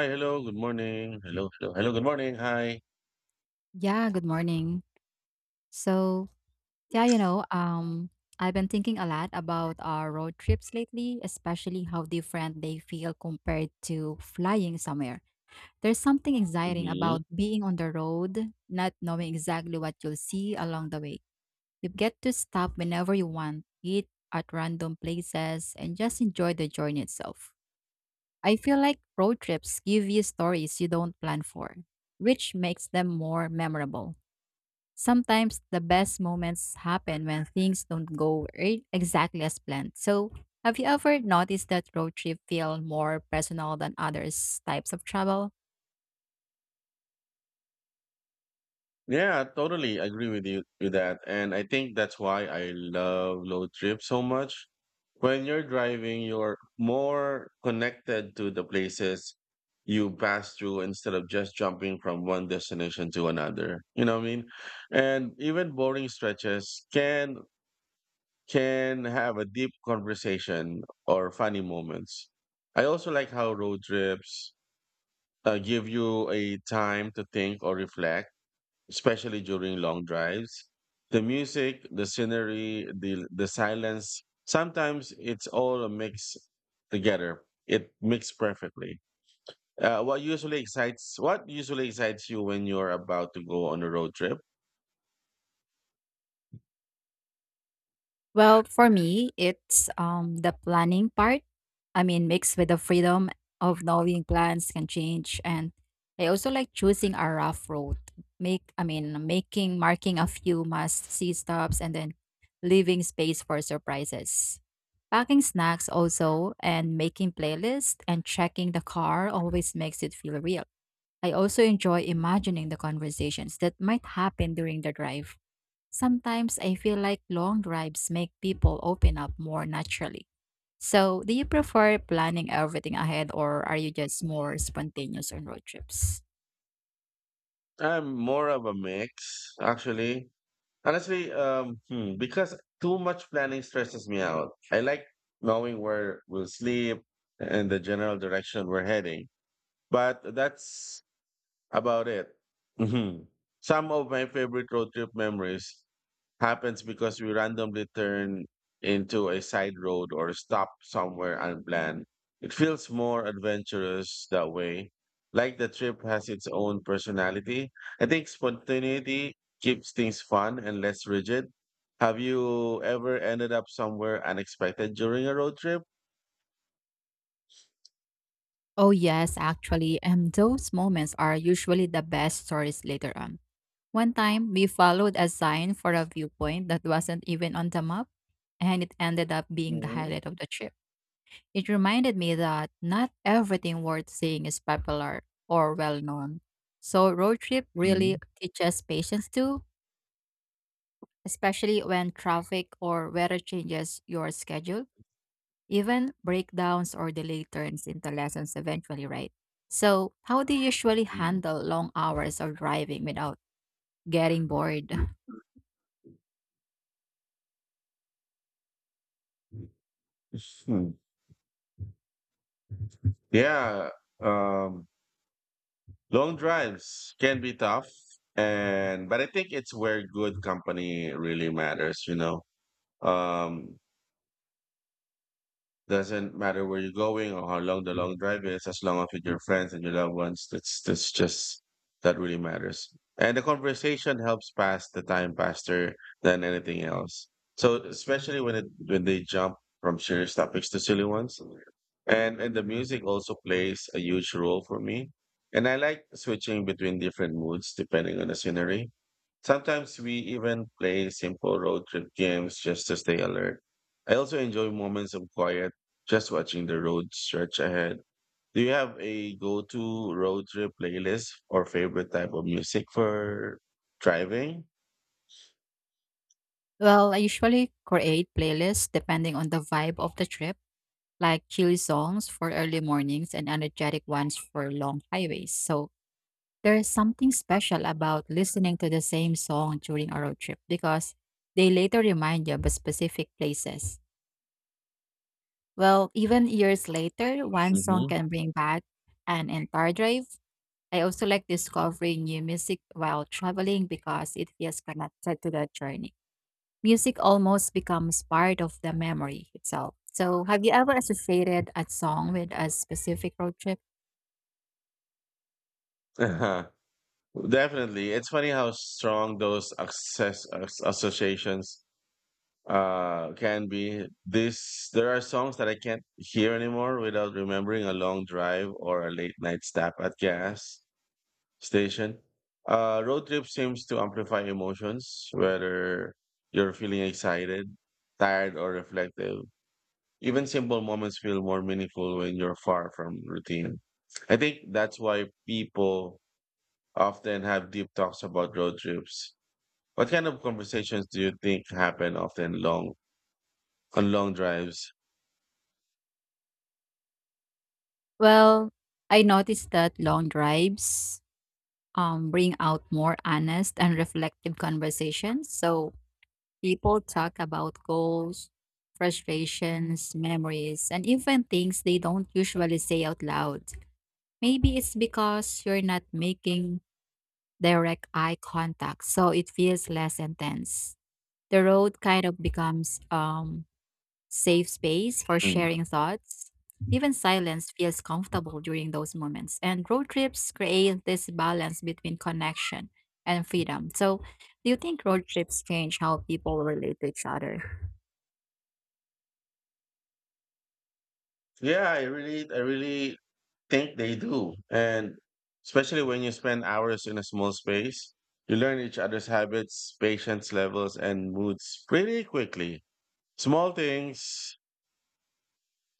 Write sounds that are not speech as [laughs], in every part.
Hi, hello, good morning. Hello, hello, hello, good morning. Hi. Yeah, good morning. So, yeah, you know, um, I've been thinking a lot about our road trips lately, especially how different they feel compared to flying somewhere. There's something exciting Hmm. about being on the road, not knowing exactly what you'll see along the way. You get to stop whenever you want, eat at random places, and just enjoy the journey itself. I feel like road trips give you stories you don't plan for, which makes them more memorable. Sometimes the best moments happen when things don't exactly as planned. So, have you ever noticed that road trip feel more personal than others types of travel? Yeah, totally agree with you with that. And I think that's why I love road trips so much. When you're driving, you're more connected to the places you pass through instead of just jumping from one destination to another. You know what I mean? And even boring stretches can have a deep conversation or funny moments. I also like how road trips give you a time to think or reflect, especially during long drives. The music, the scenery, the silence. Sometimes it's all a mix together. It mixed perfectly. What usually excites you when you're about to go on a road trip? Well, for me, it's the planning part, I mean, mixed with the freedom of knowing plans can change. And I also like choosing a rough road. Making, marking a few must see stops and then leaving space for surprises. Packing snacks also and making playlists and checking the car always makes it feel real. I also enjoy imagining the conversations that might happen during the drive. Sometimes I feel like long drives make people open up more naturally. So, do you prefer planning everything ahead or are you just more spontaneous on road trips? I'm more of a mix, actually. Honestly, because too much planning stresses me out. I like knowing where we'll sleep and the general direction we're heading. But that's about it. Mhm. Some of my favorite road trip memories happens because we randomly turn into a side road or stop somewhere unplanned. It feels more adventurous that way. Like the trip has its own personality. I think spontaneity keeps things fun and less rigid. Have you ever ended up somewhere unexpected during a road trip? Oh, yes, actually. And those moments are usually the best stories later on. One time, we followed a sign for a viewpoint that wasn't even on the map, and it ended up being the Mhm. highlight of the trip. It reminded me that not everything worth seeing is popular or well known. So road trip really Mm, teaches patience too, especially when traffic or weather changes your schedule. Even breakdowns or delay turns into lessons eventually, right? So, how do you usually handle long hours of driving without getting bored? mm. Yeah, um, long drives can be tough, and but I think it's where good company really matters. Um, Doesn't matter where you're going or how long the long drive is, as long as with your friends and your loved ones, that's just that really matters. And the conversation helps pass the time faster than anything else. So especially when they jump from serious topics to silly ones. And the music also plays a huge role for me. And I like switching between different moods depending on the scenery. Sometimes we even play simple road trip games just to stay alert. I also enjoy moments of quiet just watching the road stretch ahead. Do you have a go-to road trip playlist or favorite type of music for driving? Well, I usually create playlists depending on the vibe of the trip, like chill songs for early mornings and energetic ones for long highways. So there's something special about listening to the same song during a road trip because they later remind you of specific places. Well, even years later, one song Hmm. can bring back an entire drive. I also like discovering new music while traveling because it feels connected to the journey. Music almost becomes part of the memory itself. So, have you ever associated a song with a specific road trip? [laughs] Definitely. It's funny how strong those associations can be. This There are songs that I can't hear anymore without remembering a long drive or a late night stop at gas station. Road trip seems to amplify emotions, whether you're feeling excited, tired, or reflective. Even simple moments feel more meaningful when you're far from routine. I think that's why people often have deep talks about road trips. What kind of conversations do you think happen often long on long drives? Well, I noticed that long drives bring out more honest and reflective conversations. So people talk about goals, frustrations, memories, and even things they don't usually say out loud. Maybe it's because you're not making direct eye contact, so it feels less intense. The road kind of becomes safe space for Hmm. sharing thoughts. Even silence feels comfortable during those moments. And road trips create this balance between connection and freedom. So, do you think road trips change how people relate to each other? Yeah, I really think they do. And especially when you spend hours in a small space, you learn each other's habits, patience levels, and moods pretty quickly. Small things,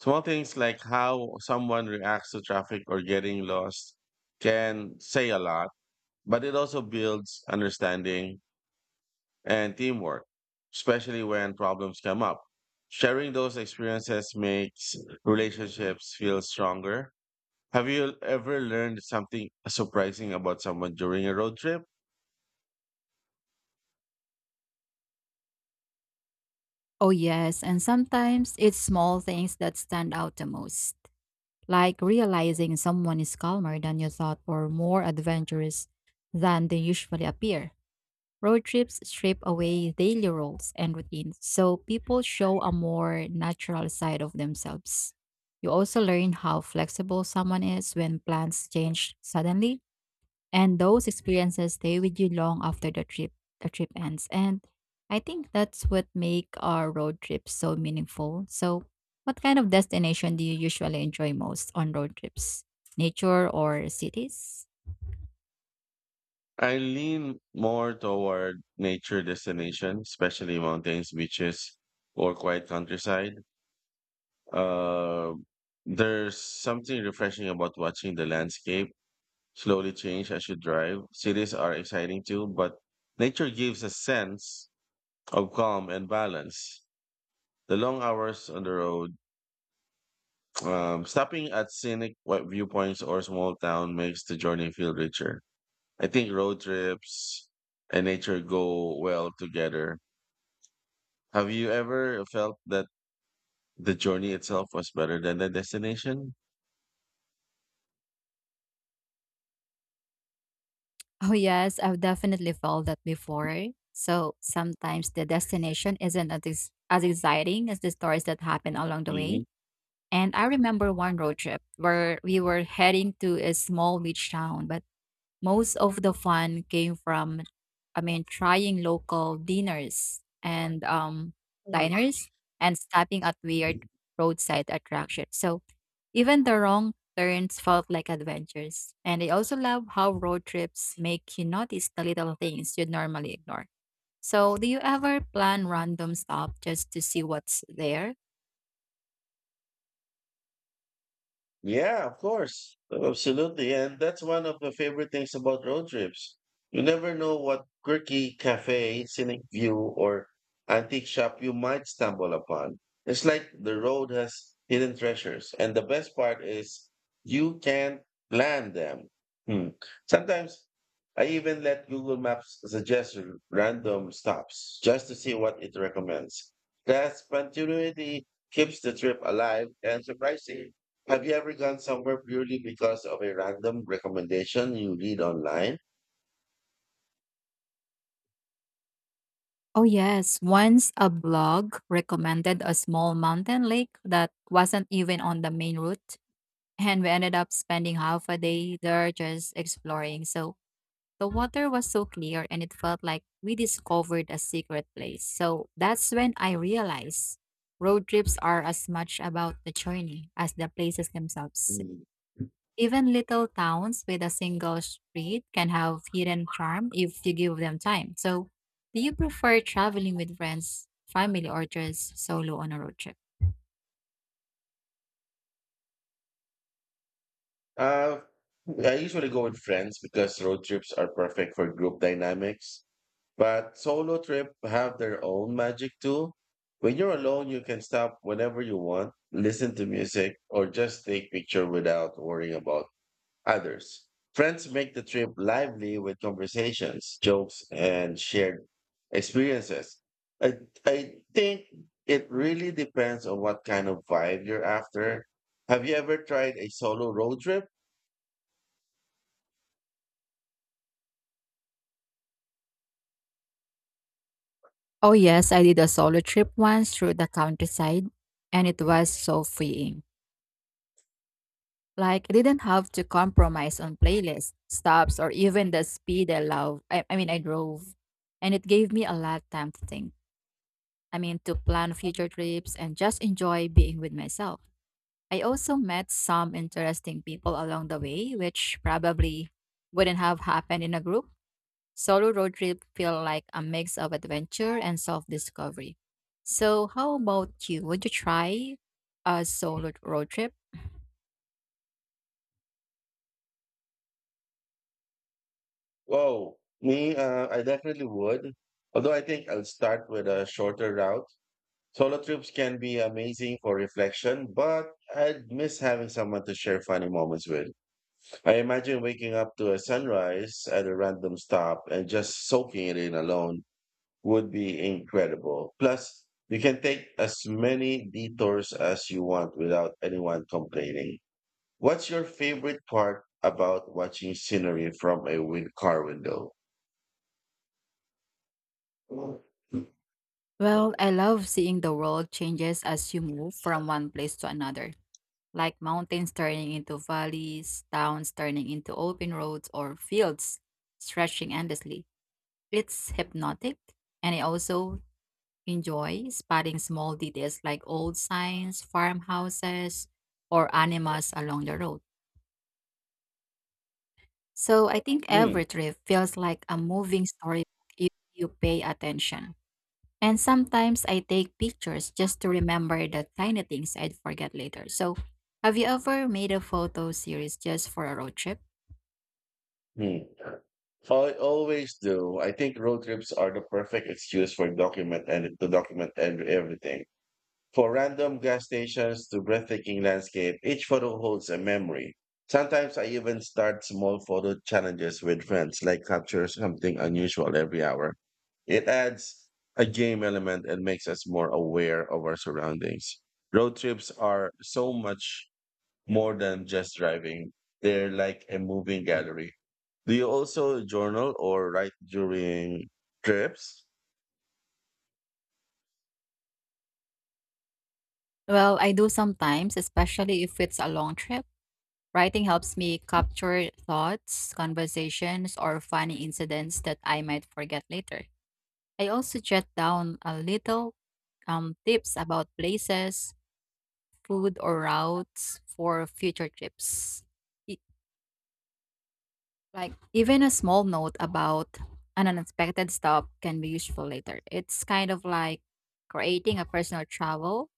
Small things like how someone reacts to traffic or getting lost can say a lot, but it also builds understanding and teamwork, especially when problems come up. Sharing those experiences makes relationships feel stronger. Have you ever learned something surprising about someone during a road trip? Oh, yes. And sometimes it's small things that stand out the most, like realizing someone is calmer than you thought or more adventurous than they usually appear. Road trips strip away daily roles and routines, so people show a more natural side of themselves. You also learn how flexible someone is when plans change suddenly, and those experiences stay with you long after the trip ends. And I think that's what make our road trips so meaningful. So, what kind of destination do you usually enjoy most on road trips? Nature or cities? I lean more toward nature destination, especially mountains, beaches, or quiet countryside. Uh, there's something refreshing about watching the landscape slowly change as you drive. Cities are exciting too, but nature gives a sense of calm and balance. The long hours on the road, stopping at scenic viewpoints or small town makes the journey feel richer. I think road trips and nature go well together. Have you ever felt that the journey itself was better than the destination? Oh, yes, I've definitely felt that before. So sometimes the destination isn't as exciting as the stories that happen along the way. Hmm. And I remember one road trip where we were heading to a small beach town, but most of the fun came from, I mean, trying local dinners and diners and stopping at weird roadside attractions. So even the wrong turns felt like adventures. And I also love how road trips make you notice the little things you'd normally ignore. So, do you ever plan random stop just to see what's there? Yeah, of course. Oh, absolutely. And that's one of the favorite things about road trips. You never know what quirky cafe, scenic view, or antique shop you might stumble upon. It's like the road has hidden treasures. And the best part is you can plan them. Hmm. Sometimes I even let Google Maps suggest random stops just to see what it recommends. That spontaneity keeps the trip alive and surprising. Have you ever gone somewhere purely because of a random recommendation you read online? Oh, yes. Once a blog recommended a small mountain lake that wasn't even on the main route. And we ended up spending half a day there just exploring. So, the water was so clear and it felt like we discovered a secret place. So that's when I realized road trips are as much about the journey as the places themselves. Mm. Even little towns with a single street can have hidden charm if you give them time. So, do you prefer traveling with friends, family, or just solo on a road trip? Uh, I usually go with friends because road trips are perfect for group dynamics, but solo trip have their own magic too. When you're alone, you can stop whenever you want, listen to music, or just take picture without worrying about others. Friends make the trip lively with conversations, jokes, and shared experiences. I, I think it really depends on what kind of vibe you're after. Have you ever tried a solo road trip? Oh, yes, I did a solo trip once through the countryside and it was so freeing. Like, I didn't have to compromise on playlists, stops, or even the speed I love. I drove. And it gave me a lot of time to think. I mean, to plan future trips and just enjoy being with myself. I also met some interesting people along the way, which probably wouldn't have happened in a group. Solo road trip feel like a mix of adventure and self-discovery. So, how about you? Would you try a solo road trip? Whoa, me, I definitely would. Although I think I'll start with a shorter route. Solo trips can be amazing for reflection, but I'd miss having someone to share funny moments with. I imagine waking up to a sunrise at a random stop and just soaking it in alone would be incredible. Plus, you can take as many detours as you want without anyone complaining. What's your favorite part about watching scenery from a car window? Hmm. Well, I love seeing the world changes as you move from one place to another, like mountains turning into valleys, towns turning into open roads, or fields stretching endlessly. It's hypnotic, and I also enjoy spotting small details like old signs, farmhouses, or animals along the road. So I think every trip feels like a moving story if you pay attention. And sometimes I take pictures just to remember the tiny things I'd forget later. So, have you ever made a photo series just for a road trip? Hmm. I always do. I think road trips are the perfect excuse for document and everything. For random gas stations to breathtaking landscape, each photo holds a memory. Sometimes I even start small photo challenges with friends, like capture something unusual every hour. It adds a game element and makes us more aware of our surroundings. Road trips are so much more than just driving, they're like a moving gallery. Do you also journal or write during trips? Well, I do sometimes, especially if it's a long trip. Writing helps me capture thoughts, conversations, or funny incidents that I might forget later. I also jot down a little tips about places, food, or routes for future trips. Like even a small note about an unexpected stop can be useful later. It's kind of like creating a personal travel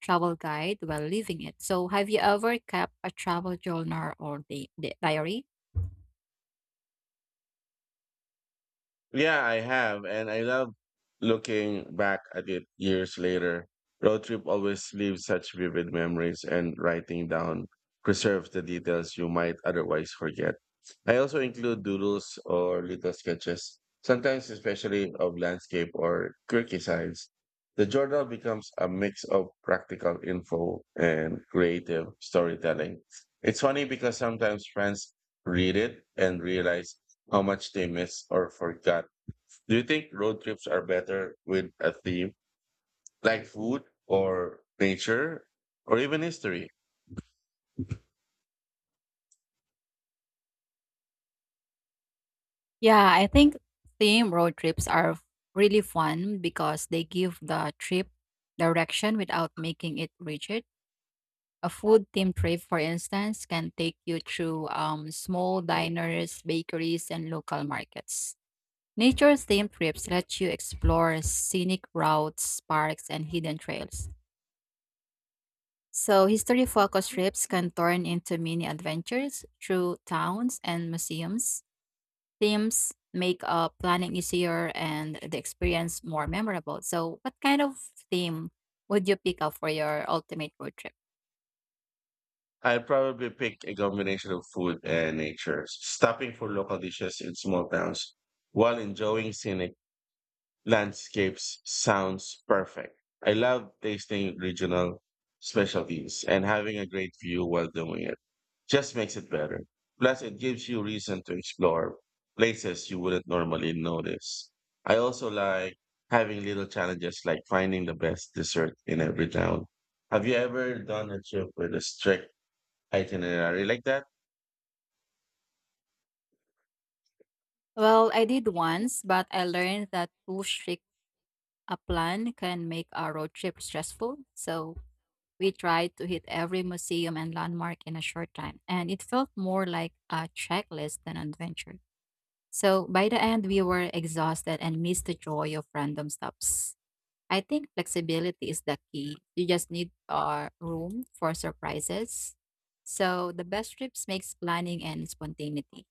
travel guide while leaving it. So have you ever kept a travel journal or the diary? Yeah, I have, and I love looking back at it years later. Road trip always leaves such vivid memories, and writing down preserves the details you might otherwise forget. I also include doodles or little sketches, sometimes especially of landscape or quirky sides. The journal becomes a mix of practical info and creative storytelling. It's funny because sometimes friends read it and realize how much they missed or forgot. Do you think road trips are better with a theme like food or nature or even history? Yeah, I think theme road trips are f- really fun because they give the trip direction without making it rigid. A food theme trip, for instance, can take you through small diners, bakeries, and local markets. Nature themed trips let you explore scenic routes, parks, and hidden trails. So, history focused trips can turn into mini adventures through towns and museums. Themes make planning easier and the experience more memorable. So, what kind of theme would you pick up for your ultimate road trip? I'd probably pick a combination of food and nature, stopping for local dishes in small towns while enjoying scenic landscapes sounds perfect. I love tasting regional specialties and having a great view while doing it. Just makes it better. Plus, it gives you reason to explore places you wouldn't normally notice. I also like having little challenges like finding the best dessert in every town. Have you ever done a trip with a strict itinerary like that? Well, I did once, but I learned that too strict a plan can make a road trip stressful. So, we tried to hit every museum and landmark in a short time, and it felt more like a checklist than an adventure. So by the end, we were exhausted and missed the joy of random stops. I think flexibility is the key. You just need room for surprises. So the best trips makes planning and spontaneity.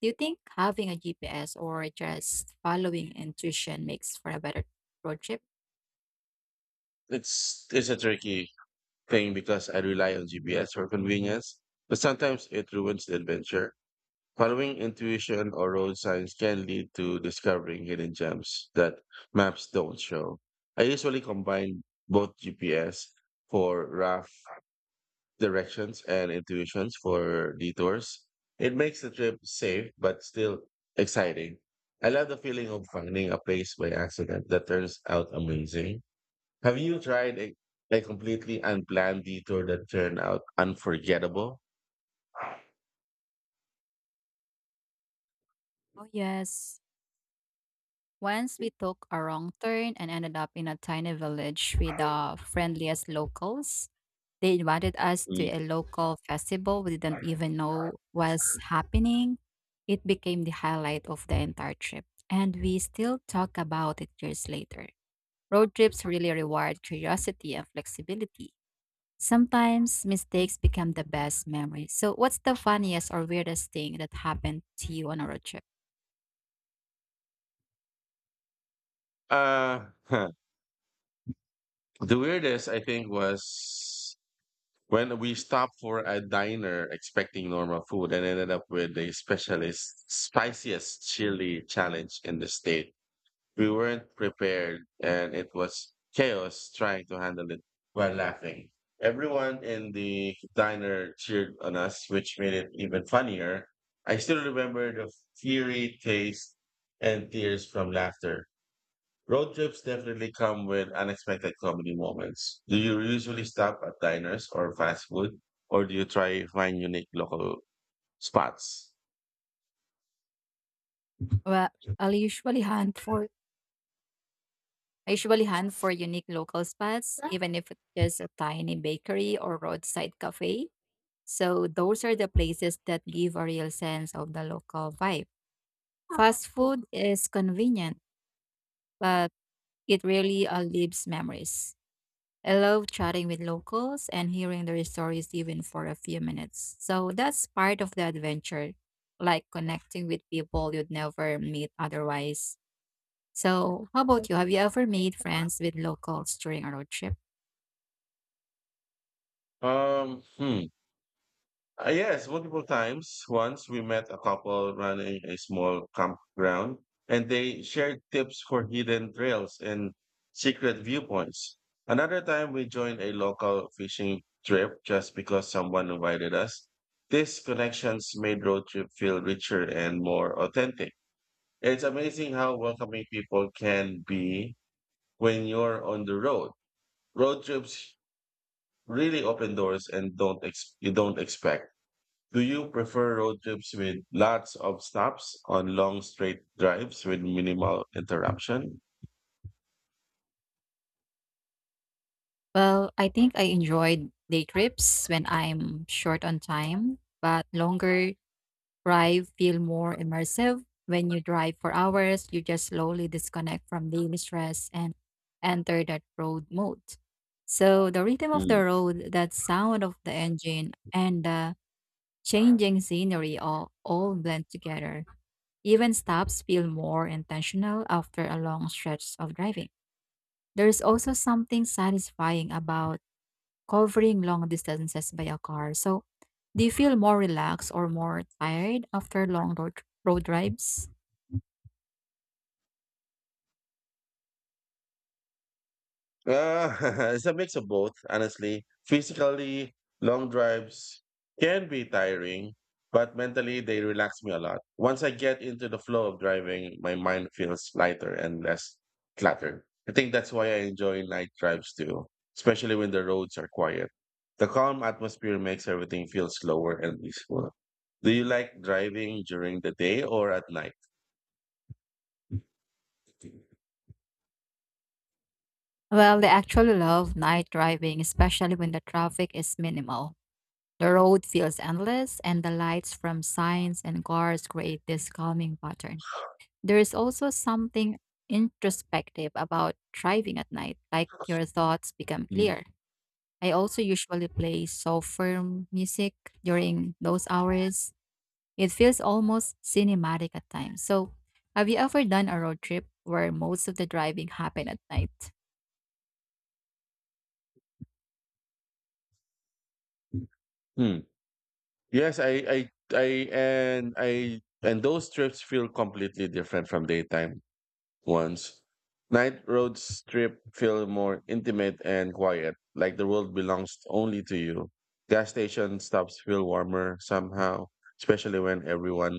Do you think having a GPS or just following intuition makes for a better road trip? It's a tricky thing because I rely on GPS for convenience, but sometimes it ruins the adventure. Following intuition or road signs can lead to discovering hidden gems that maps don't show. I usually combine both GPS for rough directions and intuitions for detours. It makes the trip safe but still exciting. I love the feeling of finding a place by accident that turns out amazing. Have you tried a completely unplanned detour that turned out unforgettable? Oh yes, once we took a wrong turn and ended up in a tiny village with the friendliest locals. They invited us to Mm. a local festival we didn't even know was happening. It became the highlight of the entire trip, and we still talk about it years later. Road trips really reward curiosity and flexibility. Sometimes mistakes become the best memories. So, what's the funniest or weirdest thing that happened to you on a road trip? Uh, [laughs] The weirdest, I think, was when we stopped for a diner expecting normal food and ended up with the specialist, spiciest chili challenge in the state. We weren't prepared and it was chaos trying to handle it while laughing. Everyone in the diner cheered on us, which made it even funnier. I still remember the fiery taste and tears from laughter. Road trips definitely come with unexpected comedy moments. Do you usually stop at diners or fast food, or do you try find unique local spots? Well, I'll usually [laughs] hunt for I usually hunt for unique local spots, huh, even if it's just a tiny bakery or roadside cafe. So those are the places that give a real sense of the local vibe. Fast food is convenient, but it really leaves memories. I love chatting with locals and hearing their stories even for a few minutes. So that's part of the adventure, like connecting with people you'd never meet otherwise. So, how about you? Have you ever made friends with locals during a road trip? Um, hmm. Yes, multiple times. Once we met a couple running a small campground, and they shared tips for hidden trails and secret viewpoints. Another time, we joined a local fishing trip just because someone invited us. These connections made road trip feel richer and more authentic. It's amazing how welcoming people can be when you're on the road. Road trips really open doors and don't ex- you don't expect. Do you prefer road trips with lots of stops on long straight drives with minimal interruption? Well, I think I enjoyed day trips when I'm short on time, but longer drive feel more immersive. When you drive for hours, you just slowly disconnect from daily stress and enter that road mode. So the rhythm of the Hmm. road, that sound of the engine, and the changing scenery all blend together. Even stops feel more intentional after a long stretch of driving. There's also something satisfying about covering long distances by a car. So, do you feel more relaxed or more tired after long road drives? Uh, [laughs] it's a mix of both, honestly. Physically, long drives can be tiring, but mentally, they relax me a lot. Once I get into the flow of driving, my mind feels lighter and less cluttered. I think that's why I enjoy night drives too, especially when the roads are quiet. The calm atmosphere makes everything feel slower and peaceful. Do you like driving during the day or at night? Well, I actually love night driving, especially when the traffic is minimal. The road feels endless, and the lights from signs and cars create this calming pattern. There is also something introspective about driving at night, like your thoughts become clear. I also usually play softer music during those hours. It feels almost cinematic at times. So, have you ever done a road trip where most of the driving happened at night? Hmm. Yes, I I and those trips feel completely different from daytime ones. Night road trip feel more intimate and quiet, like the world belongs only to you. Gas station stops feel warmer somehow, especially when everyone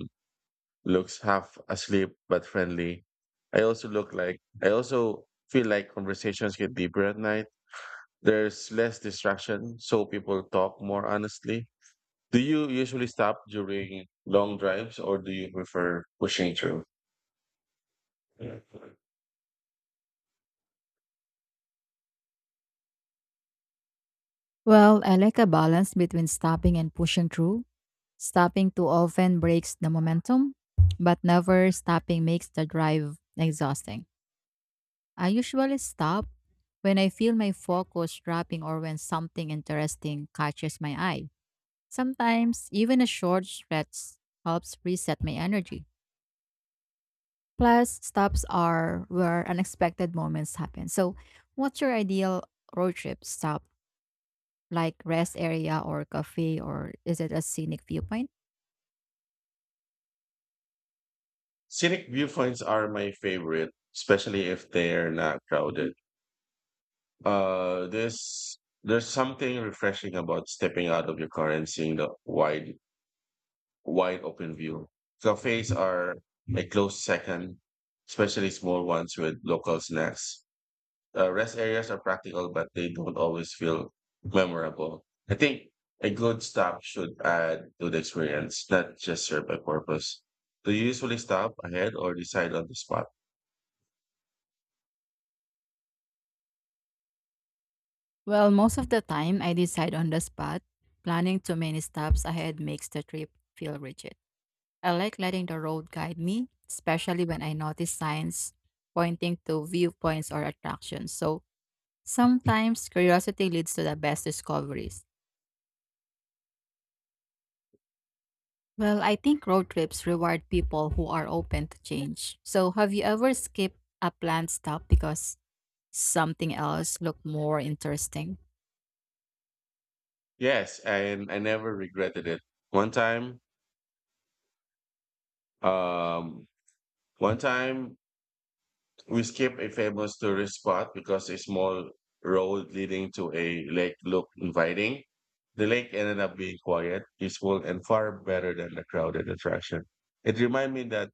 looks half asleep but friendly. I also feel like conversations get deeper at night. There's less distraction, so people talk more honestly. Do you usually stop during long drives or do you prefer pushing through? Yeah. Well, I like a balance between stopping and pushing through. Stopping too often breaks the momentum, but never stopping makes the drive exhausting. I usually stop when I feel my focus dropping or when something interesting catches my eye. Sometimes, even a short stretch helps reset my energy. Plus, stops are where unexpected moments happen. So, what's your ideal road trip stop? Like rest area or cafe, or is it a scenic viewpoint? Scenic viewpoints are my favorite, especially if they're not crowded. This There's something refreshing about stepping out of your car and seeing the wide open view. Cafes are a close second, especially small ones with local snacks. Rest areas are practical, but they don't always feel memorable. I think a good stop should add to the experience, not just serve a purpose. Do you usually stop ahead or decide on the spot? Well, most of the time I decide on the spot. Planning too many stops ahead makes the trip feel rigid. I like letting the road guide me, especially when I notice signs pointing to viewpoints or attractions. So sometimes curiosity leads to the best discoveries. Well, I think road trips reward people who are open to change. So, have you ever skipped a planned stop because something else looked more interesting? Yes, and I never regretted it. One time, um, One time we skipped a famous tourist spot because a small road leading to a lake looked inviting. The lake ended up being quiet, peaceful, and far better than the crowded attraction. It reminded me that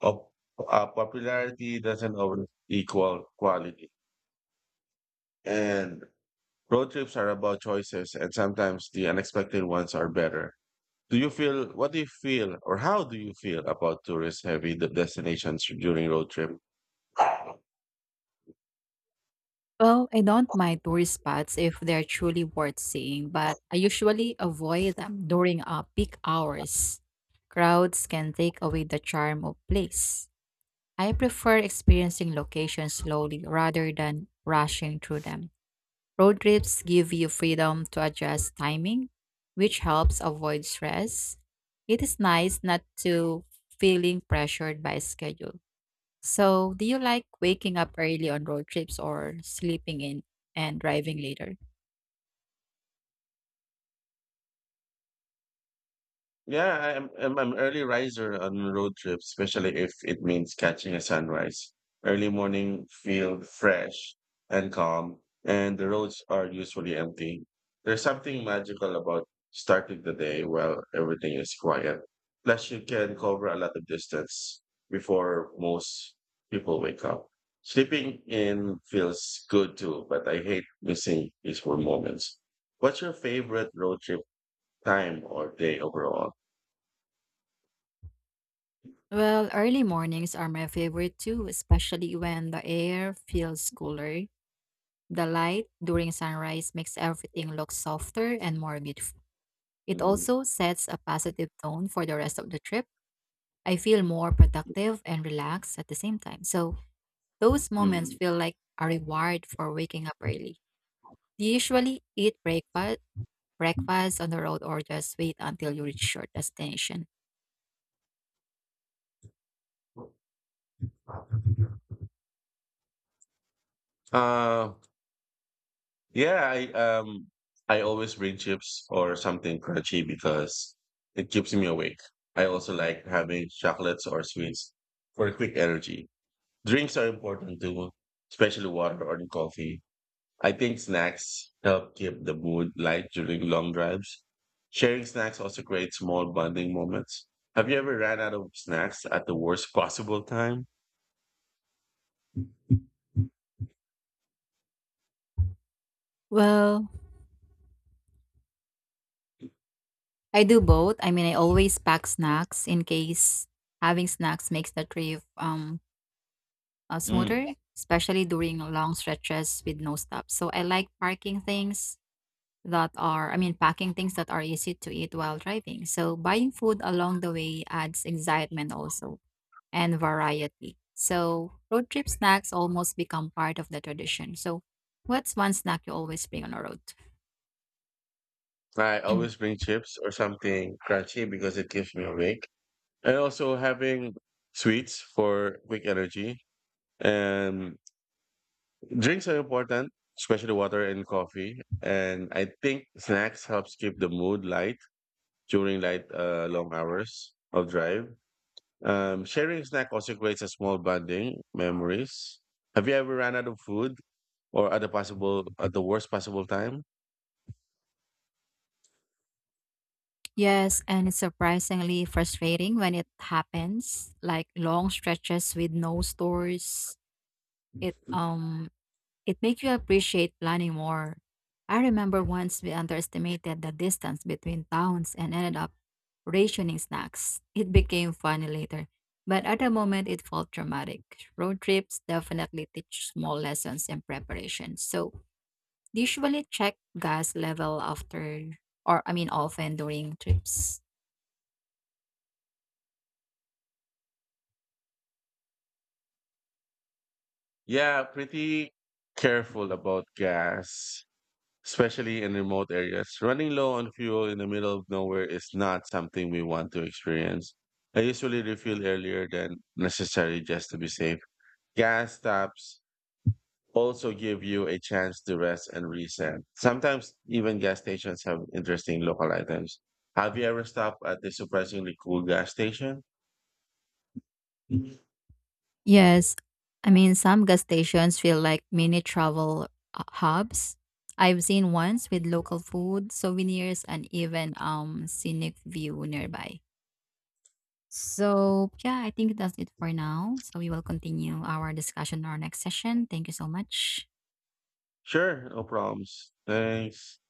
of, popularity doesn't always equal quality. And road trips are about choices, and sometimes the unexpected ones are better. Do you feel, what do you feel, or How do you feel about tourist heavy destinations during road trip? Well, I don't mind tourist spots if they're truly worth seeing, but I usually avoid them during peak hours. Crowds can take away the charm of place. I prefer experiencing locations slowly rather than rushing through them. Road trips give you freedom to adjust timing, which helps avoid stress. It is nice not to feeling pressured by schedule. So, do you like waking up early on road trips or sleeping in and driving later? Yeah, I'm early riser on road trips, especially if it means catching a sunrise. Early morning feel fresh and calm, and the roads are usually empty. There's something magical about starting the day while everything is quiet. Plus, you can cover a lot of distance before most people wake up. Sleeping in feels good too, but I hate missing peaceful moments. What's your favorite road trip time or day overall? Well, early mornings are my favorite too, especially when the air feels cooler. The light during sunrise makes everything look softer and more beautiful. It Mhm, also sets a positive tone for the rest of the trip. I feel more productive and relaxed at the same time. So those moments mhm. feel like a reward for waking up early. Do you usually eat breakfast on the road or just wait until you reach your destination? Uh, yeah, I um I always bring chips or something crunchy because it keeps me awake. I also like having chocolates or sweets for quick energy. Drinks are important too, especially water or coffee. I think snacks help keep the mood light during long drives. Sharing snacks also creates small bonding moments. Have you ever ran out of snacks at the worst possible time? Well, I do both. I mean, I always pack snacks in case having snacks makes the trip Mm. smoother, especially during long stretches with no stops. So I like parking things that are, I mean, packing things that are easy to eat while driving. So buying food along the way adds excitement also and variety. So road trip snacks almost become part of the tradition. So what's one snack you always bring on a road? I always [clears throat] bring chips or something crunchy because it keeps me awake. And also having sweets for quick energy. And drinks are important, especially water and coffee. And I think snacks helps keep the mood light during light long hours of drive. Sharing snack also creates a small bonding memories. Have you ever run out of food or at the possible at the worst possible time? Yes, and it's surprisingly frustrating when it happens, like long stretches with no stores. It It makes you appreciate planning more. I remember once we underestimated the distance between towns and ended up rationing snacks. It became funny later, but at the moment it felt dramatic. Road trips definitely teach small lessons in preparation. So, usually check gas level after or I mean often during trips. Yeah, pretty careful about gas, especially in remote areas. Running low on fuel in the middle of nowhere is not something we want to experience. I usually refuel earlier than necessary just to be safe. Gas stops also give you a chance to rest and reset. Sometimes even gas stations have interesting local items. Have you ever stopped at a surprisingly cool gas station? Mhm. Yes. I mean, some gas stations feel like mini travel hubs. I've seen ones with local food, souvenirs, and even scenic view nearby. So yeah, I think that's it for now. So we will continue our discussion in our next session. Thank you so much. Sure, no problems. Thanks.